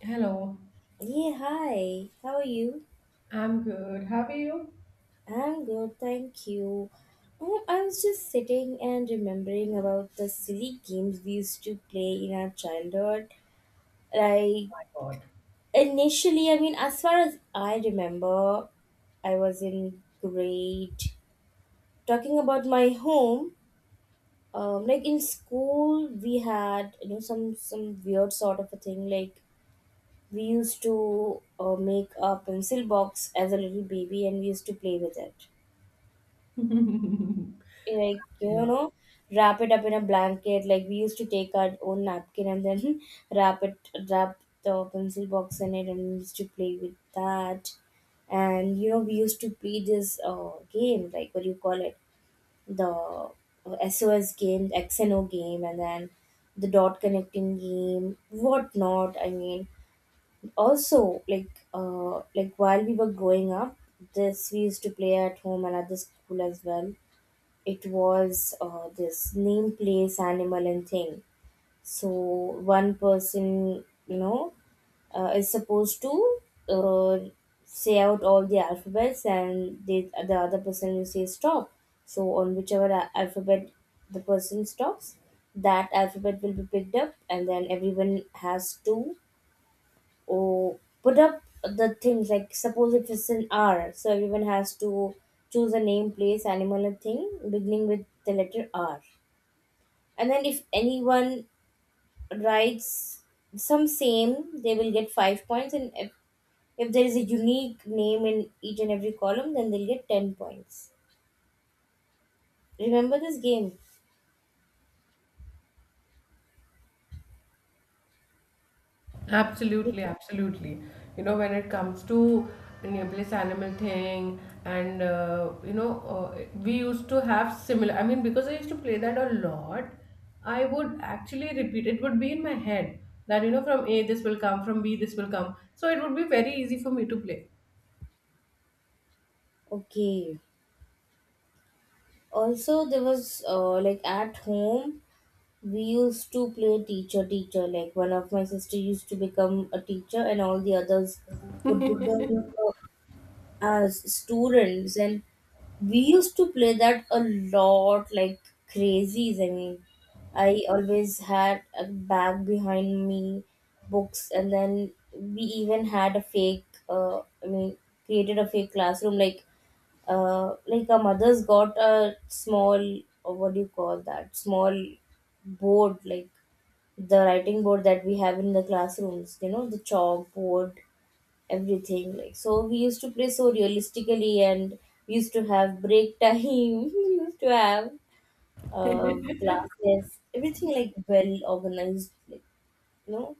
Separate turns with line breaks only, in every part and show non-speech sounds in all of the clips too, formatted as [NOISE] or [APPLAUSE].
Hello,
Yeah, hi. How are you?
I'm good. How are you?
I'm good, thank you. Oh, I was just sitting and remembering about the silly games we used to play in our childhood. Like,
God.
initially, I mean, as far as I remember, I was in grade. Talking about my home, like in school, we had some weird sort of a thing. Like we used to make a pencil box as a little baby, and we used to play with it.
[LAUGHS]
Like
No.
wrap it up in a blanket, like we used to take our own napkin and then [LAUGHS] wrap it wrap the pencil box in it, and we used to play with that. And you know, we used to play this game, like what do you call it, the SOS game, XNO game, and then the dot connecting game, whatnot. I mean, also like while we were growing up, this we used to play at home and at the school as well. It was this name, place, animal, and thing. So one person, you know, is supposed to uh, say out all the alphabets, and the other person will say stop. So on whichever alphabet the person stops, that alphabet will be picked up, and then everyone has to or put up the things, like suppose if it's an R, so everyone has to choose a name, place, animal, and thing beginning with the letter R. And then if anyone writes some same, they will get 5 points. And if there is a unique name in each and every column, then they'll get 10 points. Remember this game?
Absolutely, absolutely. You know, when it comes to nebulous animal thing, and we used to have similar. I mean, because I used to play that a lot, I would actually repeat. It would be in my head that, from A this will come, from B this will come. So it would be very easy for me to play.
Okay. Also, there was like at home, we used to play teacher teacher. Like one of my sister used to become a teacher, and all the others would become as students. And we used to play that a lot, like crazies. I mean, I always had a bag behind me, books, and then we even had a fake. I mean, created a fake classroom. Like our mothers got a small, or what do you call that? Small board, like the writing board that we have in the classrooms, you know, the chalkboard, everything. Like, so we used to play so realistically, and we used to have break time. [LAUGHS] We used to have classes, everything, like well organized, like, you know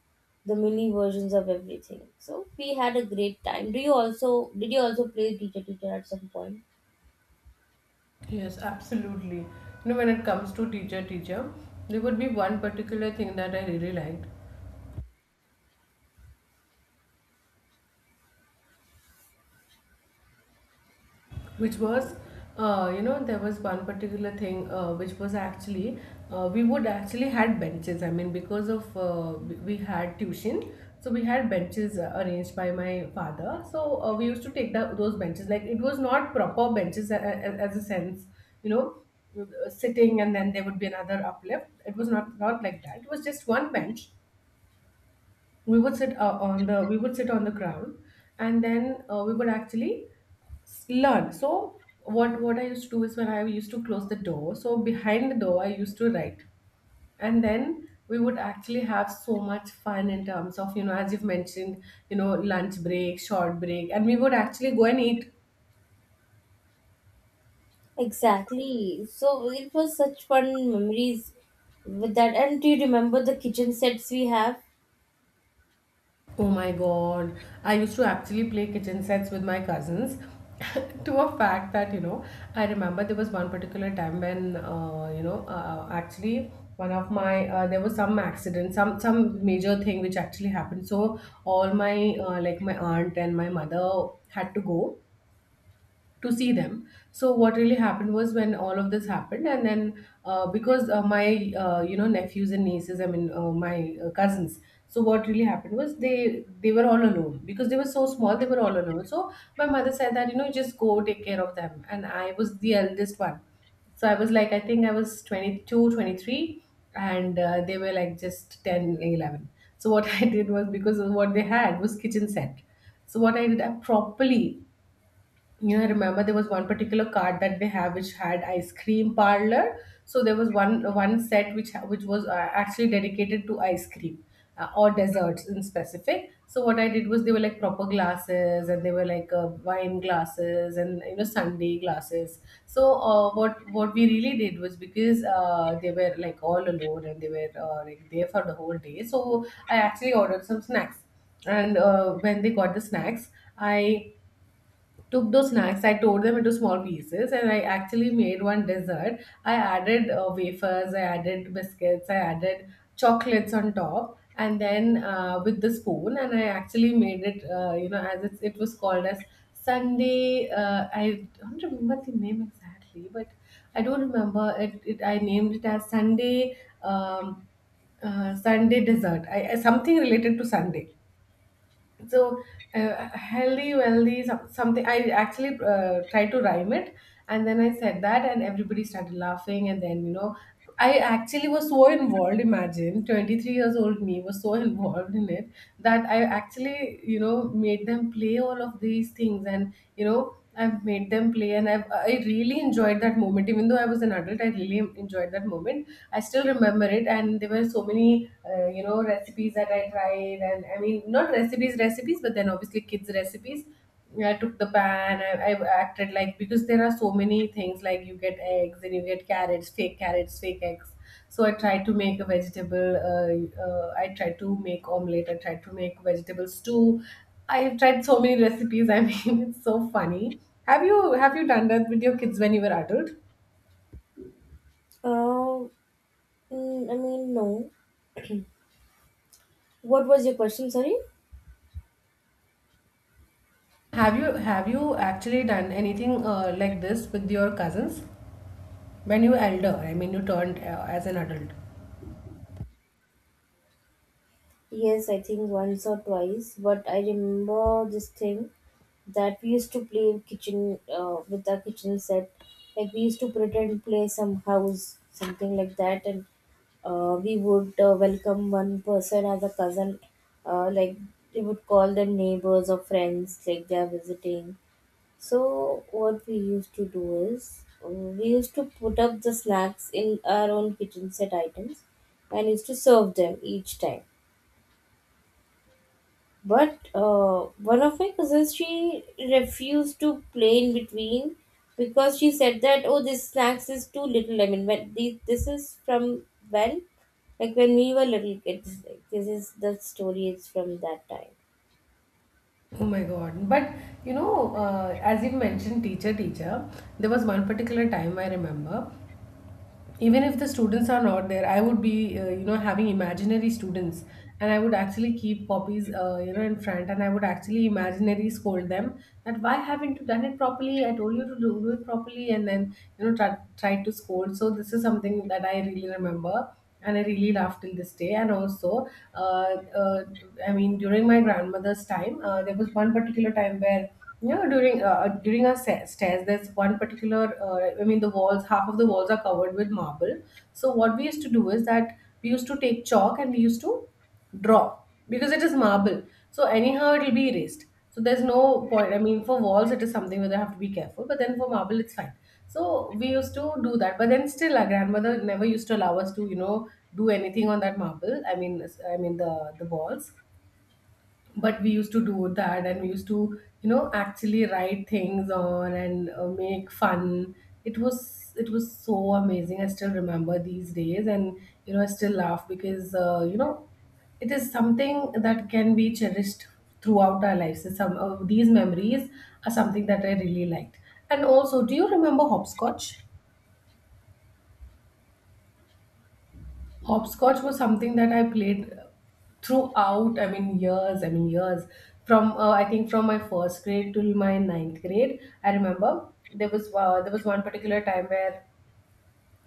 the mini versions of everything. So we had a great time. Do you also did you also play teacher teacher at some point?
Yes, absolutely. You know, when it comes to teacher, teacher, there would be one particular thing that I really liked, which was there was one particular thing, which was actually, we would actually had benches. I mean, because of we had tuition, so we had benches, arranged by my father. So, we used to take those benches, like it was not proper benches, as a sense, you know, sitting. And then there would be another uplift. It was not like that. It was just one bench. We would sit on the we would sit on the ground. And then, we would actually learn. So what I used to do is when I used to close the door, so behind the door I used to write. And then we would actually have so much fun in terms of, as you've mentioned, lunch break, short break, and we would actually go and eat.
Exactly, so it was such fun memories with that. And do you remember the kitchen sets we have?
Oh my god. I used to actually play kitchen sets with my cousins [LAUGHS] to a fact that, I remember there was one particular time when, actually there was some accident, some major thing which actually happened. So all like my aunt and my mother had to go to see them. So what really happened was when all of this happened, and then, because, my, nephews and nieces. I mean, my, cousins. So what really happened was they were all alone because they were so small. They were all alone. So my mother said that, just go take care of them, and I was the eldest one. So I was like I think I was 22, 23, and they were like just 10, 11. So what [LAUGHS] I did was because what they had was kitchen set. So what I did, I properly, I remember there was one particular card that they have which had ice cream parlor. So there was one set which which was, actually dedicated to ice cream, or desserts in specific. So what I did was they were like proper glasses and they were like, wine glasses, and, sundae glasses. So, what we really did was because, they were like all alone and they were, like there for the whole day. So I actually ordered some snacks, and, when they got the snacks, I took those snacks, I tore them into small pieces, and I actually made one dessert. I added, wafers, I added biscuits, I added chocolates on top, and then, with the spoon, and I actually made it. It was called as Sunday. I don't remember the name exactly, but I don't remember it. I named it as Sunday. Um, Sunday dessert, something related to Sunday. So, healthy, wealthy, something, I actually, tried to rhyme it. And then I said that, and everybody started laughing. And then, I actually was so involved. Imagine, 23 years old me was so [LAUGHS] involved in it, that I actually, made them play all of these things. And, I've made them play, and I really enjoyed that moment. Even though I was an adult, I really enjoyed that moment. I still remember it, and there were so many, recipes that I tried. And I mean, not recipes, recipes, but then obviously kids' recipes. I took the pan. I acted like, because there are so many things, like you get eggs and you get carrots, fake eggs. So I tried to make a vegetable. I tried to make omelette. I tried to make vegetable stew. I have tried so many [LAUGHS] recipes. I mean, [LAUGHS] it's so funny. Have you done that with your kids when you were adult?
Uh, I mean, no. What was your question? Sorry.
Have you actually done anything, like this with your cousins when you elder? I mean, you turned, as an adult.
Yes, I think once or twice, but I remember this thing that we used to play kitchen with our kitchen set. Like we used to pretend play some house, something like that, and we would welcome one person as a cousin. Uh, like we would call them neighbors or friends, like they are visiting. So what we used to do is we used to put up the snacks in our own kitchen set items and used to serve them each time. But one of my cousins, she refused to play in between, because she said that oh, this snacks is too little. I mean, when this is from when, like when we were little kids. Like, this is the story is from that time.
Oh my God! But, as you mentioned, teacher, teacher. There was one particular time I remember, even if the students are not there. I would be, having imaginary students, and I would actually keep copies, in front, and I would actually imaginary scold them that, why haven't you done it properly? I told you to do it properly. And then, try to scold. So this is something that I really remember, and I really laugh till this day. And also, uh, uh, I mean, during my grandmother's time, there was one particular time where, during our stairs, there's one particular. I mean, the walls, half of the walls are covered with marble. So what we used to do is that we used to take chalk, and we used to draw because it is marble. So anyhow, it'll be erased. So there's no point. I mean, for walls, it is something where they have to be careful, but then for marble, it's fine. So we used to do that, but then still, our grandmother never used to allow us to, do anything on that marble. I mean the walls. But we used to do that, and we used to, actually write things on. And, make fun. It was so amazing. I still remember these days. And, I still laugh, because, it is something that can be cherished throughout our lives. So some of these memories are something that I really liked. And also, do you remember hopscotch? Hopscotch was something that I played throughout, I mean, years, I mean, years. I think, from my first grade till my ninth grade. I remember there was, one particular time where,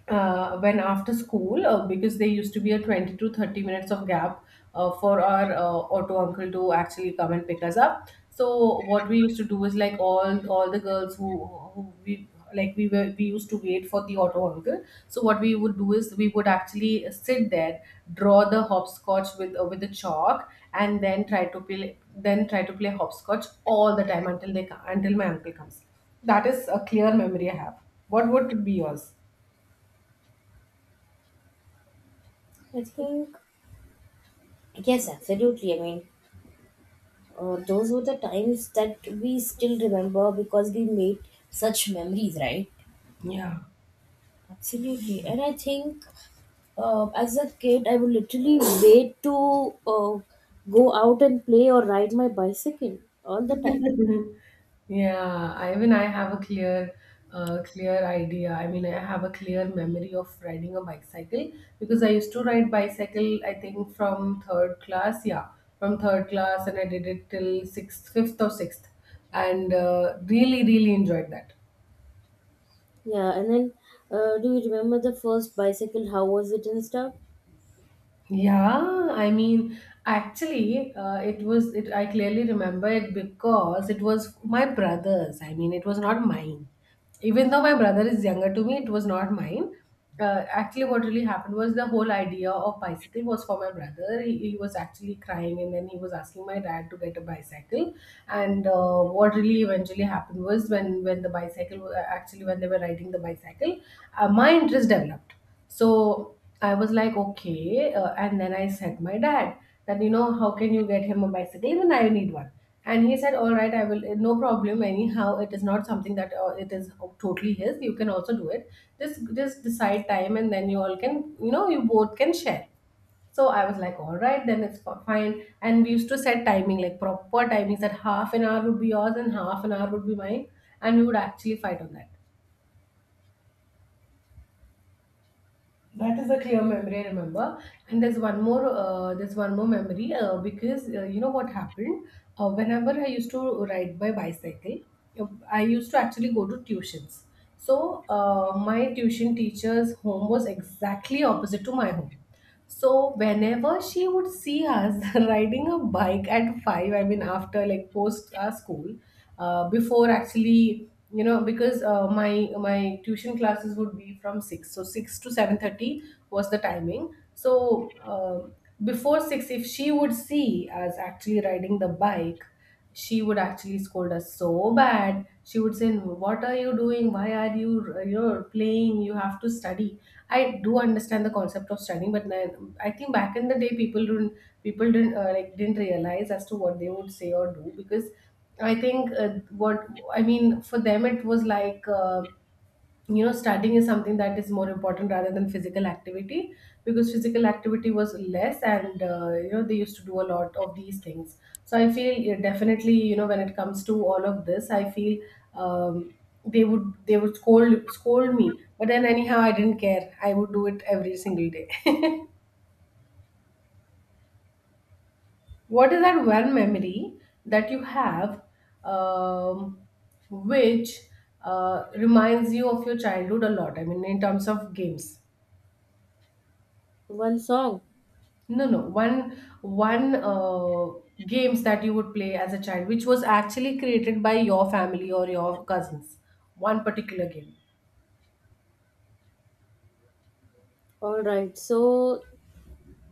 when after school, because there used to be a 20 to 30 minutes of gap, for our, auto uncle to actually come and pick us up. So what we used to do is, like, all the girls who we like we used to wait for the auto uncle. So what we would do is we would actually sit there, draw the hopscotch with, a chalk, and then try to play then try to play hopscotch all the time, until until my uncle comes. That is a clear memory I have. What would be yours?
I think yes, absolutely. I mean, those were the times that we still remember because we made such memories, right?
Yeah.
Absolutely. And I think as a kid, I would literally [COUGHS] wait to go out and play or ride my bicycle all the time.
[LAUGHS] Yeah, I mean, I have a clear idea. I mean, I have a clear memory of riding a bicycle, because I used to ride bicycle. I think from third class, yeah, from third class, and I did it till sixth, fifth or sixth, and, really, really enjoyed that.
Yeah, and then do you remember the first bicycle? How was it and stuff?
Yeah, I mean, actually, it was it. I clearly remember it, because it was my brother's. I mean, it was not mine. Even though my brother is younger to me, it was not mine. Actually, what really happened was the whole idea of bicycle was for my brother. He was actually crying, and then he was asking my dad to get a bicycle. And, what really eventually happened was when the bicycle, actually when they were riding the bicycle, my interest developed. So I was like, okay. And then I said my dad that, how can you get him a bicycle? Even I need one. And he said, all right, I will, no problem. Anyhow, it is not something that, it is totally his. You can also do it. Just decide time, and then you all can, you both can share. So I was like, all right, then it's fine. And we used to set timing, like proper timings, that half an hour would be yours and half an hour would be mine. And we would actually fight on that. That is a clear memory I remember, and there's one more. There's one more memory, because, you know what happened. Whenever I used to ride by bicycle, uh, I used to actually go to tuitions. So my tuition teacher's home was exactly opposite to my home. So whenever she would see us [LAUGHS] riding a bike at five, I mean after like post our school, before actually you know because my tuition classes would be from 6, so 6 to 7:30 was the timing. So before 6, if she would see us actually riding the bike, she would actually scold us so bad. She would say, what are you doing? Why are you you're playing? You have to study. I do understand the concept of studying, but then I think back in the day people didn't, people didn't didn't realize as to what they would say or do, because I think, what I mean for them it was like, you know, studying is something that is more important rather than physical activity, because physical activity was less and you know, they used to do a lot of these things. So I feel, definitely, you know, when it comes to all of this, I feel um, they would scold me, but then anyhow I didn't care, I would do it every single day. [LAUGHS] What is that one memory that you have, um, which reminds you of your childhood a lot, I mean in terms of games?
One song.
No, no. One one Games that you would play as a child, which was actually created by your family or your cousins. One particular game.
All right. So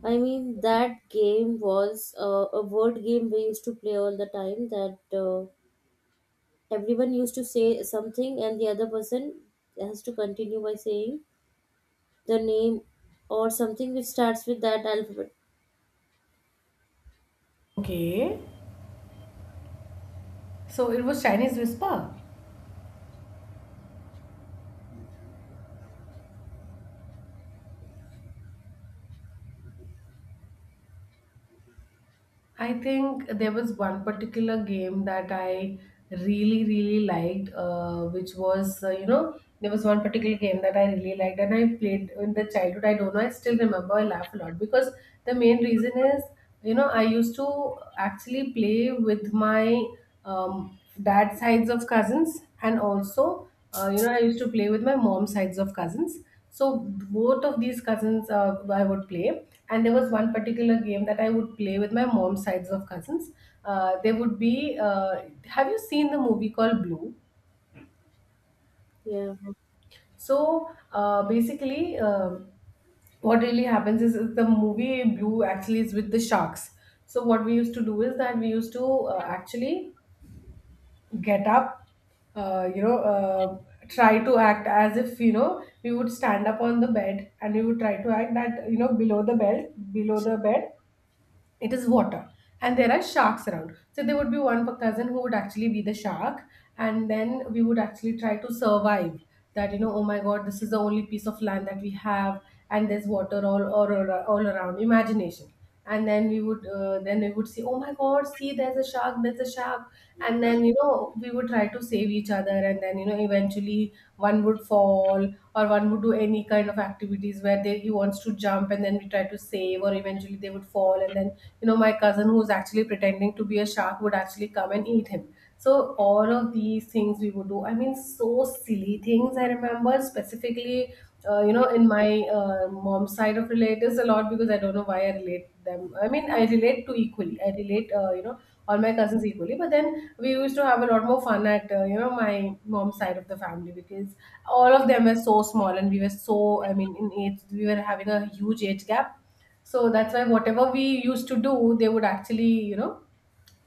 I mean that game was a word game we used to play all the time. That everyone used to say something and the other person has to continue by saying the name or something which starts with that alphabet.
Okay. So it was Chinese Whisper. I think there was one particular game that I really, really liked, which was, you know, there was one particular game that I really liked and I played in the childhood. I don't know, I still remember, I laugh a lot because the main reason is, you know, I used to actually play with my dad sides of cousins, and also, you know, I used to play with my mom sides of cousins. So both of these cousins I would play, and there was one particular game that I would play with my mom's sides of cousins. There would be. Have you seen the movie called Blue?
Yeah.
So basically, what really happens is the movie Blue actually is with the sharks. So what we used to do is that we used to actually get up, uh, you know, uh, try to act as if, you know, we would stand up on the bed and we would try to act that, you know, below the bed, it is water. And there are sharks around. So there would be one per cousin who would actually be the shark. And then we would actually try to survive, that, you know, oh my God, this is the only piece of land that we have. And there's water all around. Imagination. And then we would see, oh my God, see, there's a shark, there's a shark, and then you know we would try to save each other, and then you know eventually one would fall, or one would do any kind of activities where he wants to jump, and then we try to save, or eventually they would fall, and then you know my cousin who's actually pretending to be a shark would actually come and eat him. So all of these things we would do, I mean so silly things, I remember specifically, you know, in my mom's side of relatives a lot, because I don't know why I relate them. I mean, I relate to equally. I relate, you know, all my cousins equally. But then we used to have a lot more fun at, you know, my mom's side of the family, because all of them were so small and we were so, I mean in age we were having a huge age gap. So that's why whatever we used to do, they would actually, you know,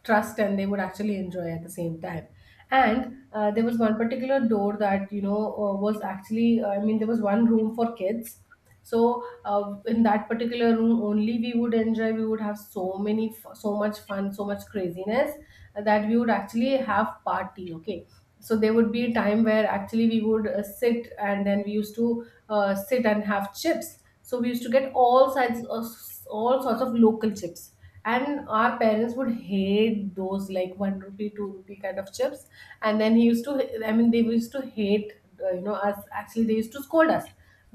trust, and they would actually enjoy at the same time. And there was one particular door that, you know, was actually, I mean there was one room for kids. So in that particular room only we would enjoy, we would have so many so much fun, so much craziness, that we would actually have party. Okay, so there would be a time where actually we would sit, and then we used to sit and have chips. So we used to get all sorts of local chips, and our parents would hate those, like one rupee two rupee kind of chips. And then he used to, I mean they used to hate, you know, us actually, they used to scold us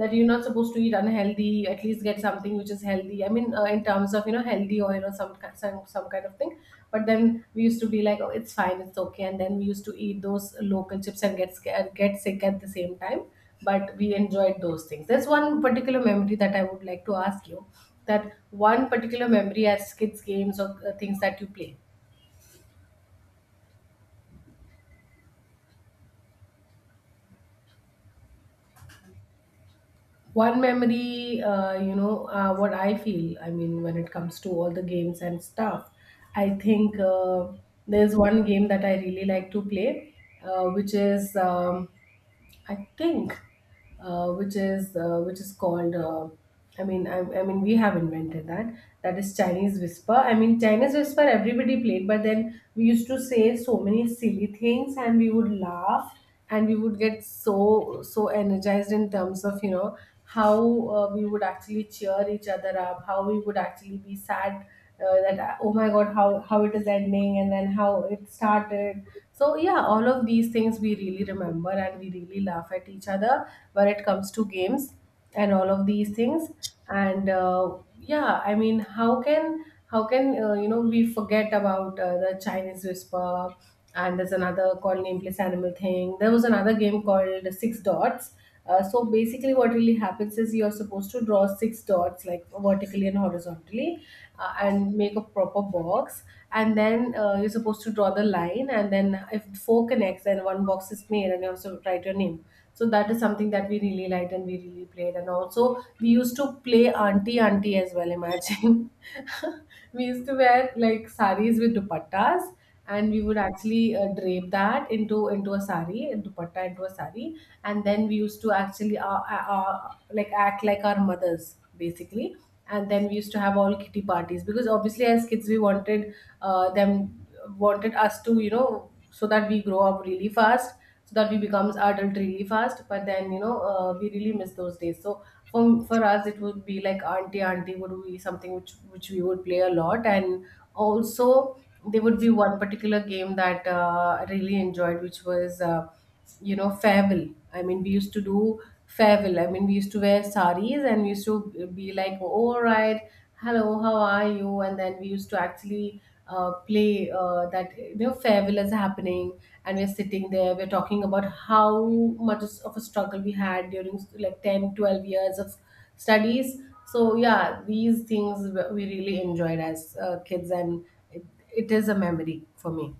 that you're not supposed to eat unhealthy, at least get something which is healthy, I mean, in terms of, you know, healthy oil or some, some kind of thing. But then we used to be like, oh it's fine, it's okay, and then we used to eat those local chips and get scared, get sick at the same time. But we enjoyed those things. There's one particular memory that I would like to ask you, that one particular memory as kids games, or things that you play, one memory, what I feel, I mean when it comes to all the games and stuff, I think, there's one game that I really like to play, which is I think, which is called. I mean, I mean, we have invented that. That is Chinese Whisper. I mean, Chinese Whisper. Everybody played, but then we used to say so many silly things, and we would laugh, and we would get so energized in terms of, you know, how, we would actually cheer each other up, how we would actually be sad, that oh my god, how it is ending and then how it started. So yeah, all of these things we really remember, and we really laugh at each other when it comes to games and all of these things. And yeah, I mean, how can you know, we forget about, the Chinese Whisper? And there's another called nameless animal thing. There was another game called six dots. So basically, what really happens is you're supposed to draw six dots, like vertically and horizontally, and make a proper box. And then you're supposed to draw the line. And then if four connects, then one box is made, and you also write your name. So that is something that we really liked and we really played. And also, we used to play auntie auntie as well. Imagine [LAUGHS] we used to wear like saris with dupattas, and we would actually drape that into a sari, into a sari, and then we used to actually like act like our mothers basically. And then we used to have all kitty parties, because obviously as kids we wanted, them wanted us to, you know, so that we grow up really fast, so that we becomes adult really fast. But then you know, we really miss those days. So for us it would be like auntie auntie would be something which we would play a lot. And also there would be one particular game that, I really enjoyed, which was, you know, farewell. I mean we used to do farewell, I mean we used to wear saris, and we used to be like, oh, all right, hello, how are you? And then we used to actually play that, you know, farewell is happening, and we're sitting there, we're talking about how much of a struggle we had during like 10, 12 years of studies. So yeah, these things we really enjoyed as kids, and it, it is a memory for me.